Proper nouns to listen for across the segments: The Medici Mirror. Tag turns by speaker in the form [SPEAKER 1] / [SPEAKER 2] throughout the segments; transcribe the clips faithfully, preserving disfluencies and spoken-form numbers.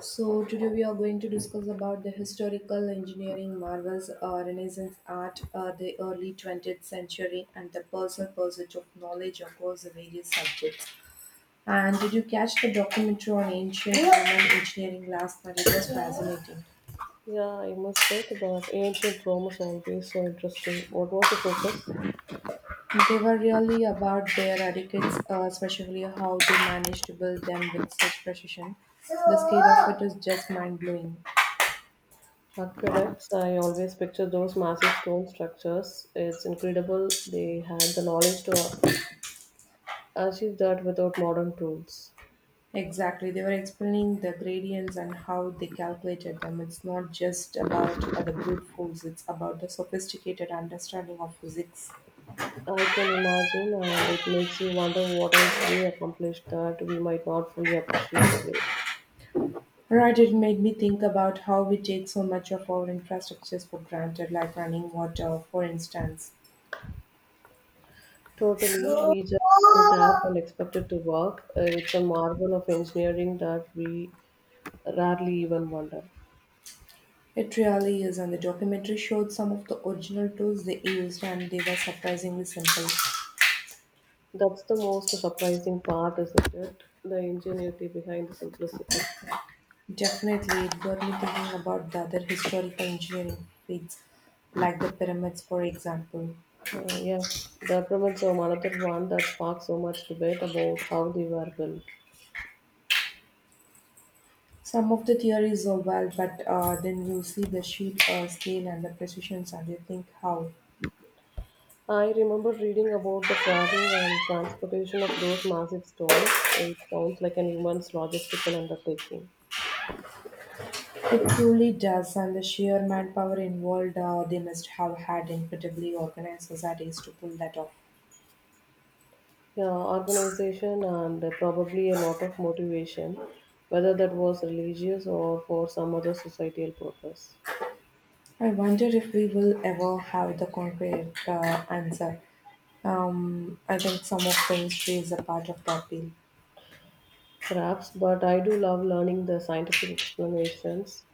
[SPEAKER 1] So today we are going to discuss about the historical engineering marvels, uh, Renaissance art, uh, the early twentieth century, and the personal pursuit of knowledge across the various subjects. And did you catch the documentary on ancient Roman engineering last night? It was fascinating.
[SPEAKER 2] Yeah, I must admit, but ancient Rome is always so interesting. What was the focus?
[SPEAKER 1] They were really about their architects, uh, especially how they managed to build them with such precision. The scale of it is just mind blowing.
[SPEAKER 2] Aqueducts, I always picture those massive stone structures. It's incredible they had the knowledge to achieve that without modern tools.
[SPEAKER 1] Exactly. They were explaining the gradients and how they calculated them. It's not just about uh, the brute force, it's about the sophisticated understanding of physics.
[SPEAKER 2] I can imagine, and it makes you wonder what else they accomplished that we might not fully appreciate today.
[SPEAKER 1] Right, it made me think about how we take so much of our infrastructures for granted, like running water, for instance.
[SPEAKER 2] Totally, we just on a tap and expect it to work. Uh, It's a marvel of engineering that we rarely even wonder.
[SPEAKER 1] It really is, and the documentary showed some of the original tools they used, and they were surprisingly simple.
[SPEAKER 2] That's the most surprising part, isn't it? The ingenuity behind the simplicity.
[SPEAKER 1] Definitely, it got me thinking about the other historical engineering feats, like the pyramids, for example.
[SPEAKER 2] Uh, yes, the pyramids are another one that sparked so much debate about how they were built.
[SPEAKER 1] Some of the theories are well, but uh, then you see the sheer uh, scale and the precisions, and you think how
[SPEAKER 2] I remember reading about the quarrying and transportation of those massive stones. It sounds like an immense logistical undertaking.
[SPEAKER 1] it truly does, and the sheer manpower involved. Uh, they must have had incredibly organized societies to pull that off.
[SPEAKER 2] Yeah, organization and uh, probably a lot of motivation, whether that was religious or for some other societal purpose.
[SPEAKER 1] I wonder if we will ever have the concrete uh, answer. I think some of the history is a part of the appeal.
[SPEAKER 2] Perhaps, but I do love learning the scientific explanations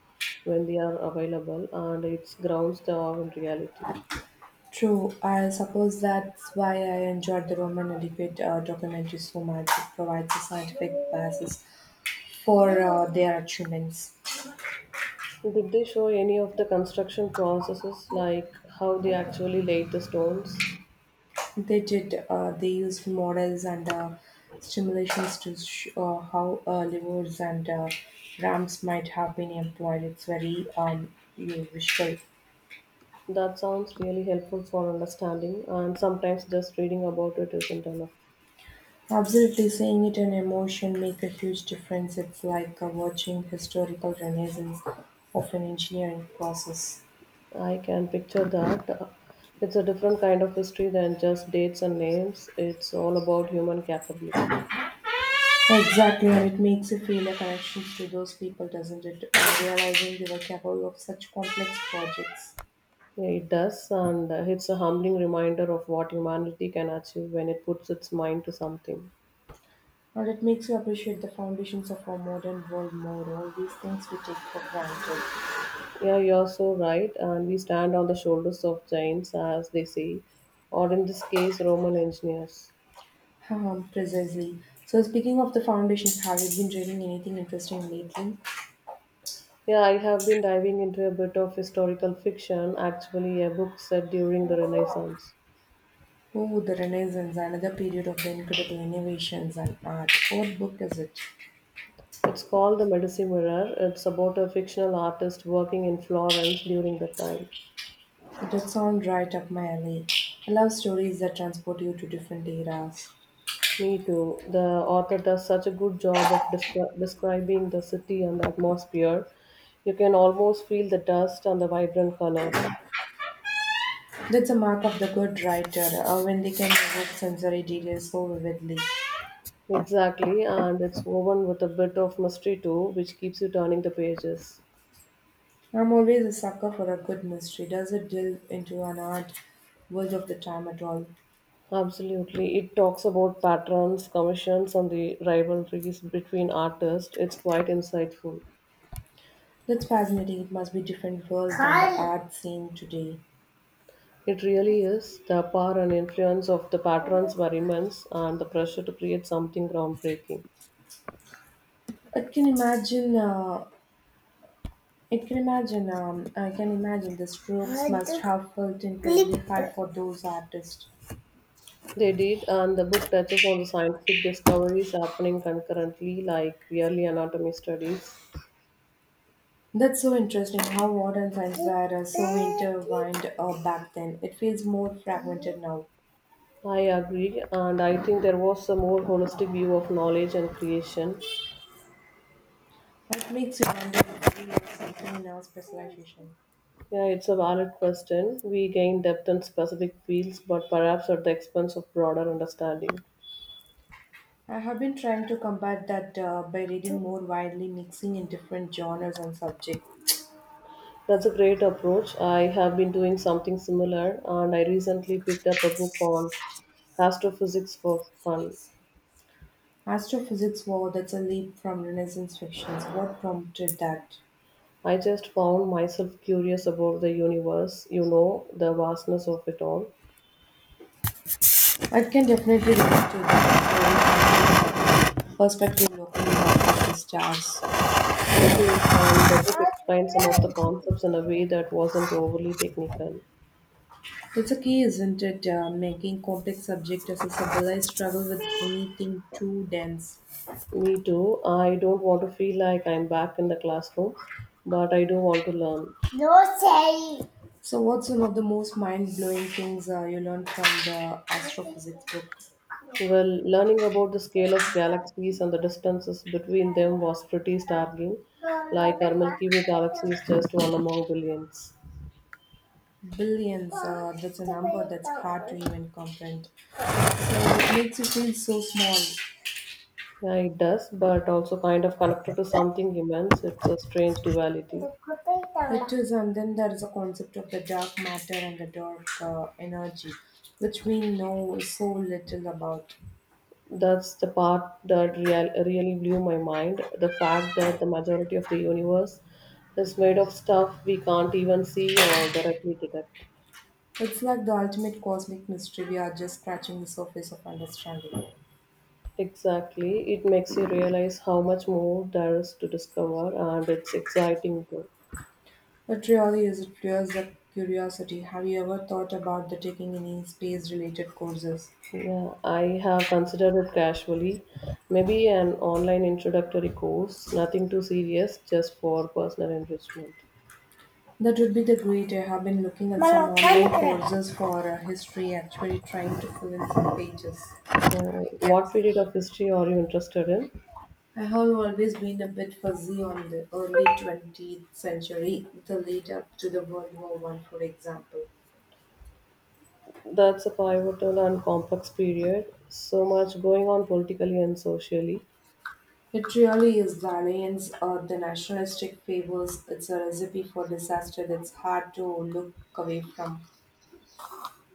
[SPEAKER 2] when they are available and it grounds the awe in reality.
[SPEAKER 1] True, I suppose that's why I enjoyed the Roman adequate uh, documentary so much. It provides a scientific basis for uh, their achievements.
[SPEAKER 2] Did they show any of the construction processes like how they actually laid the stones?
[SPEAKER 1] They did. Uh, they used models and uh, simulations to show how uh, levers and uh, ramps might have been employed. It's very um, you- visual.
[SPEAKER 2] That sounds really helpful for understanding, and sometimes just reading about it isn't enough.
[SPEAKER 1] Absolutely, seeing it in emotion make a huge difference. It's like uh, watching historical renaissance of an engineering process.
[SPEAKER 2] I can picture that. Uh, It's a different kind of history than just dates and names, it's all about human capability.
[SPEAKER 1] Exactly, and it makes you feel a connection to those people, doesn't it? Uh, realizing they were capable of such complex projects.
[SPEAKER 2] Yeah, it does, and uh, it's a humbling reminder of what humanity can achieve when it puts its mind to something.
[SPEAKER 1] And it makes you appreciate the foundations of our modern world more, all these things we take for granted.
[SPEAKER 2] Yeah, you're so right, and we stand on the shoulders of giants, as they say, or in this case, Roman engineers.
[SPEAKER 1] Um, precisely. So, speaking of the foundations, have you been reading anything interesting lately?
[SPEAKER 2] Yeah, I have been diving into a bit of historical fiction, actually, a book set during the Renaissance.
[SPEAKER 1] Oh, the Renaissance, another period of the incredible innovations and art. What book is it?
[SPEAKER 2] It's called The Medici Mirror. It's about a fictional artist working in Florence during that time.
[SPEAKER 1] That sounds right up my alley. I love stories that transport you to different eras.
[SPEAKER 2] Me too. The author does such a good job of descri- describing the city and the atmosphere. You can almost feel the dust and the vibrant colors.
[SPEAKER 1] That's a mark of the good writer uh, when they can evoke sensory details so vividly.
[SPEAKER 2] Exactly, and it's woven with a bit of mystery too, which keeps you turning the pages.
[SPEAKER 1] I'm always a sucker for a good mystery. Does it delve into an art world of the time at all?
[SPEAKER 2] Absolutely. It talks about patterns, commissions, and the rivalries between artists. It's quite insightful.
[SPEAKER 1] That's fascinating. It must be different world than the art scene today.
[SPEAKER 2] It really is. The power and influence of the patrons were immense, and the pressure to create something groundbreaking.
[SPEAKER 1] I can imagine. Uh, it can imagine. Um, I can imagine the strokes must have felt incredibly hard for those artists.
[SPEAKER 2] They did, and the book touches on the scientific discoveries happening concurrently, like early anatomy studies.
[SPEAKER 1] That's so interesting. How art and science were uh, so intertwined uh, back then. It feels more fragmented now.
[SPEAKER 2] I agree, and I think there was a more holistic view of knowledge and creation.
[SPEAKER 1] It makes you wonder if we have something in our specialization.
[SPEAKER 2] Yeah, it's a valid question. We gain depth in specific fields, but perhaps at the expense of broader understanding.
[SPEAKER 1] I have been trying to combat that uh, by reading more widely, mixing in different genres and subjects.
[SPEAKER 2] That's a great approach. I have been doing something similar, and I recently picked up a book on astrophysics for fun.
[SPEAKER 1] Astrophysics, wow, that's a leap from Renaissance fictions. What prompted that?
[SPEAKER 2] I just found myself curious about the universe, you know, the vastness of it all.
[SPEAKER 1] I can definitely relate to that exploring perspective locally at the stars.
[SPEAKER 2] It is, and the book explains some of the concepts in a way that wasn't overly technical.
[SPEAKER 1] That's a key, isn't it? Uh, making complex subject accessible. I struggle with anything too dense.
[SPEAKER 2] Me too. I don't want to feel like I'm back in the classroom, but I do want to learn.
[SPEAKER 1] No say. So, what's one of the most mind blowing things uh, you learned from the astrophysics book?
[SPEAKER 2] Well, learning about the scale of galaxies and the distances between them was pretty startling. Like our Milky Way galaxy is just one among billions.
[SPEAKER 1] Billions, uh, that's a number that's hard to even comprehend. So, it makes you feel so small.
[SPEAKER 2] Yeah, it does, but also kind of connected to something immense. It's a strange duality.
[SPEAKER 1] It is, and then there is a concept of the dark matter and the dark uh, energy, which we know so little about.
[SPEAKER 2] That's the part that real, really blew my mind. The fact that the majority of the universe is made of stuff we can't even see or directly detect.
[SPEAKER 1] It's like the ultimate cosmic mystery we are just scratching the surface of understanding.
[SPEAKER 2] Exactly. It makes you realize how much more there is to discover, and it's exciting too.
[SPEAKER 1] It really is, it fuels the curiosity. Have you ever thought about the taking any space related courses?
[SPEAKER 2] Yeah, I have considered it casually. Maybe an online introductory course, nothing too serious, just for personal enrichment.
[SPEAKER 1] That would be the great. I have been looking at some online courses for uh, history, actually trying to fill in some pages.
[SPEAKER 2] Oh,
[SPEAKER 1] Gaps.
[SPEAKER 2] what period of history are you interested in?
[SPEAKER 1] I have always been a bit fuzzy on the early twentieth century, the lead up to the World War One, for example.
[SPEAKER 2] That's a pivotal and complex period. So much going on politically and socially,
[SPEAKER 1] It really is the alliance or the nationalistic favors. It's a recipe for disaster that's hard to look away from.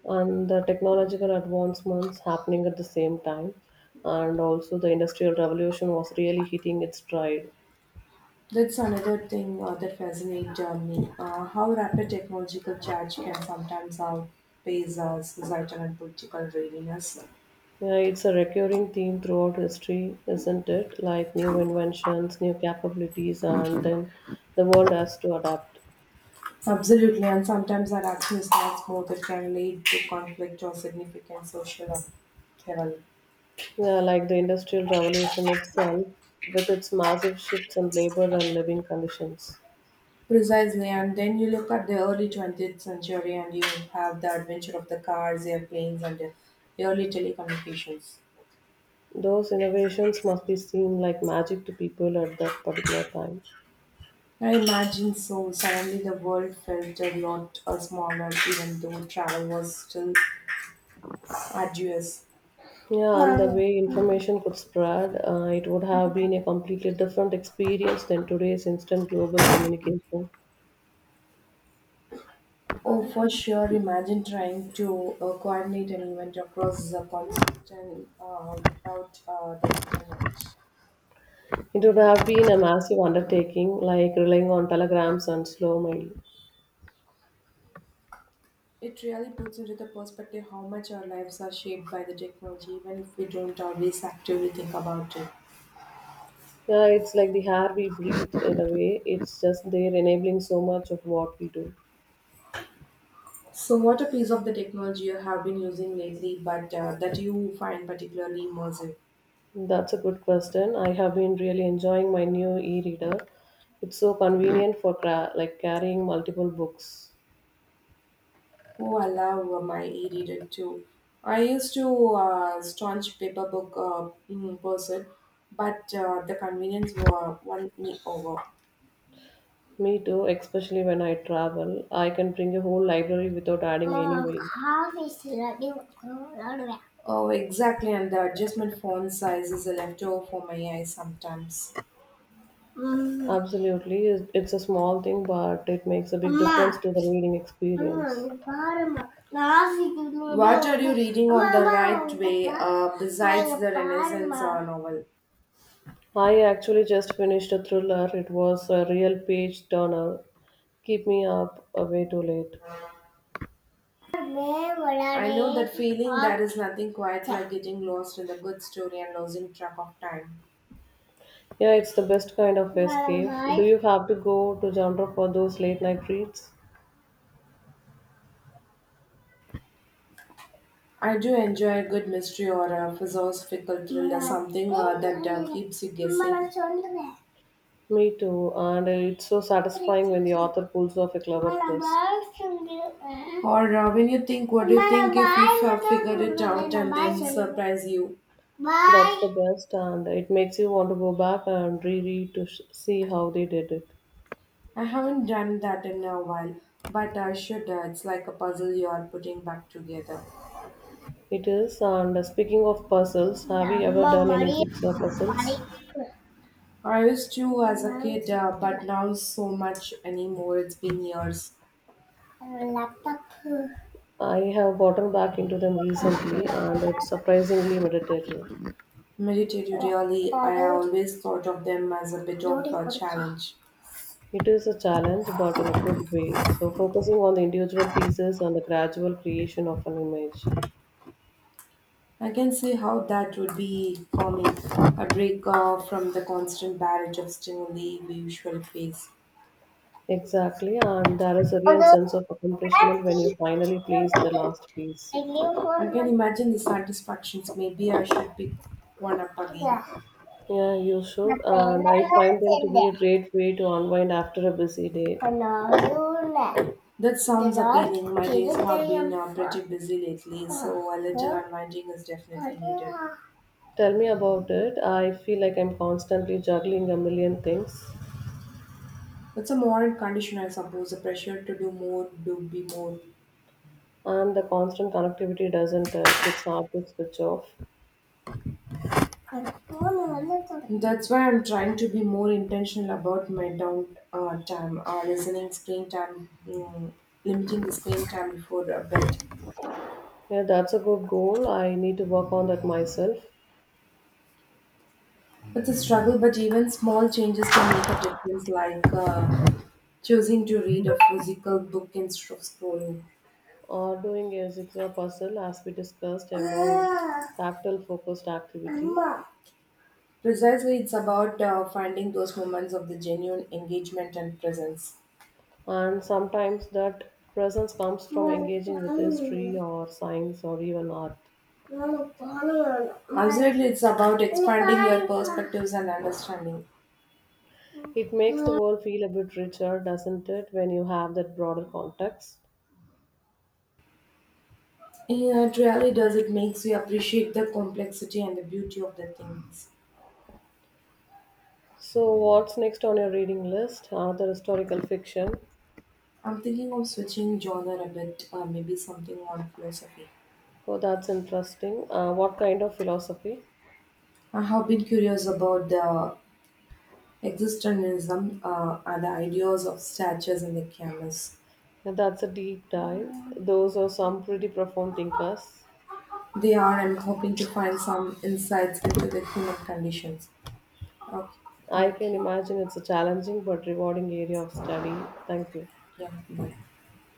[SPEAKER 2] and the technological advancements happening at the same time. And also, the Industrial Revolution was really hitting its stride.
[SPEAKER 1] That's another thing uh, that fascinates uh, me. Uh, how rapid technological change can sometimes outpace uh, societal and political readiness.
[SPEAKER 2] Yeah, it's a recurring theme throughout history, isn't it? Like new inventions, new capabilities, and then the world has to adapt.
[SPEAKER 1] Absolutely, and sometimes our action is much more that can lead to conflict or significant social upheaval.
[SPEAKER 2] Yeah, like the Industrial Revolution itself, with its massive shifts in labor and living conditions.
[SPEAKER 1] Precisely, and then you look at the early twentieth century and you have the adventure of the cars, airplanes, and the early telecommunications.
[SPEAKER 2] Those innovations must be seen like magic to people at that particular time.
[SPEAKER 1] I imagine so. Suddenly, the world felt a lot uh, smaller, even though travel was still arduous.
[SPEAKER 2] Yeah, and the
[SPEAKER 1] Oh,
[SPEAKER 2] way information could spread, uh, it would have been a completely different experience than today's instant global communication.
[SPEAKER 1] for sure. Imagine trying to uh, coordinate an event across the continent uh, without uh, the internet.
[SPEAKER 2] It would have been a massive undertaking, like relying on telegrams and slow mail.
[SPEAKER 1] It really puts into the perspective how much our lives are shaped by the technology, even if we don't always actively think about it.
[SPEAKER 2] Yeah, it's like the air we breathe in a way, it's just they're enabling so much of what we do.
[SPEAKER 1] So, what a piece of the technology you have been using lately, but uh, that you find particularly immersive?
[SPEAKER 2] That's a good question. I have been really enjoying my new e-reader. It's so convenient for cra- like carrying multiple books.
[SPEAKER 1] Oh, I love uh, my e-reader too. I used to uh, staunch paper book uh, mm, person, but uh, the convenience were won me over.
[SPEAKER 2] Me too, especially when I travel. I can bring a whole library without adding any
[SPEAKER 1] Uh,
[SPEAKER 2] weight.
[SPEAKER 1] Half is redu- uh, Oh, exactly. And the adjustment font size is a leftover for my eyes sometimes. Mm.
[SPEAKER 2] Absolutely, it- it's a small thing, but it makes a big
[SPEAKER 1] அம்மா
[SPEAKER 2] difference to the reading
[SPEAKER 1] அம்மா
[SPEAKER 2] experience.
[SPEAKER 1] இங்க பாரும்மா நாசிக்கு. What are you reading அம்மா on the அம்மா right இங்க way பாரு uh, அம்மா besides இங்க the Renaissance பாரும்மா uh, novel?
[SPEAKER 2] I actually just finished a thriller. It was a real page turner. Keep me up uh, way too late.
[SPEAKER 1] May I வளரே know that feeling ah- there is nothing quite like getting lost in a good story and losing track of time.
[SPEAKER 2] Yeah, it's the best kind of escape. Do
[SPEAKER 1] Bye.
[SPEAKER 2] you have to go to genre for those late night reads?
[SPEAKER 1] I do enjoy a good mystery or a philosophical thriller, something uh, that uh, keeps you guessing.
[SPEAKER 2] Me too, and it's so satisfying when the author pulls off a clever twist.
[SPEAKER 1] Or uh, when you think, what do you think if you've uh, figured it out and then surprise you?
[SPEAKER 2] That's the
[SPEAKER 1] Bye.
[SPEAKER 2] best, and it makes you want to go back and reread to sh- see how they did it.
[SPEAKER 1] I haven't done that in a while, but I should. Uh, it's like a puzzle you're putting back together.
[SPEAKER 2] It is, and speaking of puzzles, have you ever done any jigsaw puzzles?
[SPEAKER 1] I used to as a kid, uh, but now so much anymore. It's been years. Uh, laptop.
[SPEAKER 2] I have gotten back into them recently,
[SPEAKER 1] uh,
[SPEAKER 2] and it's surprisingly meditative.
[SPEAKER 1] Meditatively, I always thought of them as a bit of a challenge.
[SPEAKER 2] It is a challenge, but in a good way. So, focusing on the individual pieces and the gradual creation of an image.
[SPEAKER 1] I can see how that would be for me, a break uh, from the constant barrage of stimuli we usually face.
[SPEAKER 2] Exactly, and there is a real sense of accomplishment when
[SPEAKER 1] I
[SPEAKER 2] you finally place the last piece.
[SPEAKER 1] can imagine the satisfactions. Maybe I should pick one up again. Yeah.
[SPEAKER 2] Yeah, you should, and I find them to be a great way to unwind after a busy day.
[SPEAKER 1] Another. That sounds Without appealing. My days have been uh, pretty busy lately, so a little unwinding is definitely needed.
[SPEAKER 2] Tell me about it. I feel like I'm constantly juggling a million things,
[SPEAKER 1] It's a modern condition, I suppose, the pressure to do more, do be more.
[SPEAKER 2] and the constant connectivity doesn't help. It's hard to switch off.
[SPEAKER 1] That's why I'm trying to be more intentional about my down uh, time, uh, listening screen time, mm, limiting the screen time before uh, bed.
[SPEAKER 2] Yeah, that's a good goal. I need to work on that myself.
[SPEAKER 1] It's a struggle, but even small changes can make a difference, like uh, choosing to read a physical book instead of scrolling.
[SPEAKER 2] Or doing a jigsaw puzzle, as we discussed, a more
[SPEAKER 1] Ah,
[SPEAKER 2] tactile focused activity.
[SPEAKER 1] Amma. Precisely, it's about uh, finding those moments of the genuine engagement and presence.
[SPEAKER 2] And sometimes that presence comes from
[SPEAKER 1] Well,
[SPEAKER 2] engaging with history
[SPEAKER 1] um,
[SPEAKER 2] or science or even art.
[SPEAKER 1] well, well, well. Absolutely, it's about expanding your perspectives and understanding.
[SPEAKER 2] It makes the world feel a bit richer, doesn't it, when you have that broader context?
[SPEAKER 1] Yeah, it really does. It makes you appreciate the complexity and the beauty of the things.
[SPEAKER 2] So, what's next on your reading list? Another historical fiction.
[SPEAKER 1] I'm thinking of switching genre a bit, uh, maybe something on philosophy.
[SPEAKER 2] Oh, that's interesting. Uh, what kind of philosophy?
[SPEAKER 1] I have been curious about the existentialism uh, and the ideas of statues and the canvas.
[SPEAKER 2] And that's a deep dive. Those are some pretty profound thinkers.
[SPEAKER 1] They are, I'm hoping to find some insights into the human conditions. Okay,
[SPEAKER 2] I can
[SPEAKER 1] thank you.
[SPEAKER 2] imagine it's a challenging but rewarding area of study. Thank you.
[SPEAKER 1] Yeah, bye.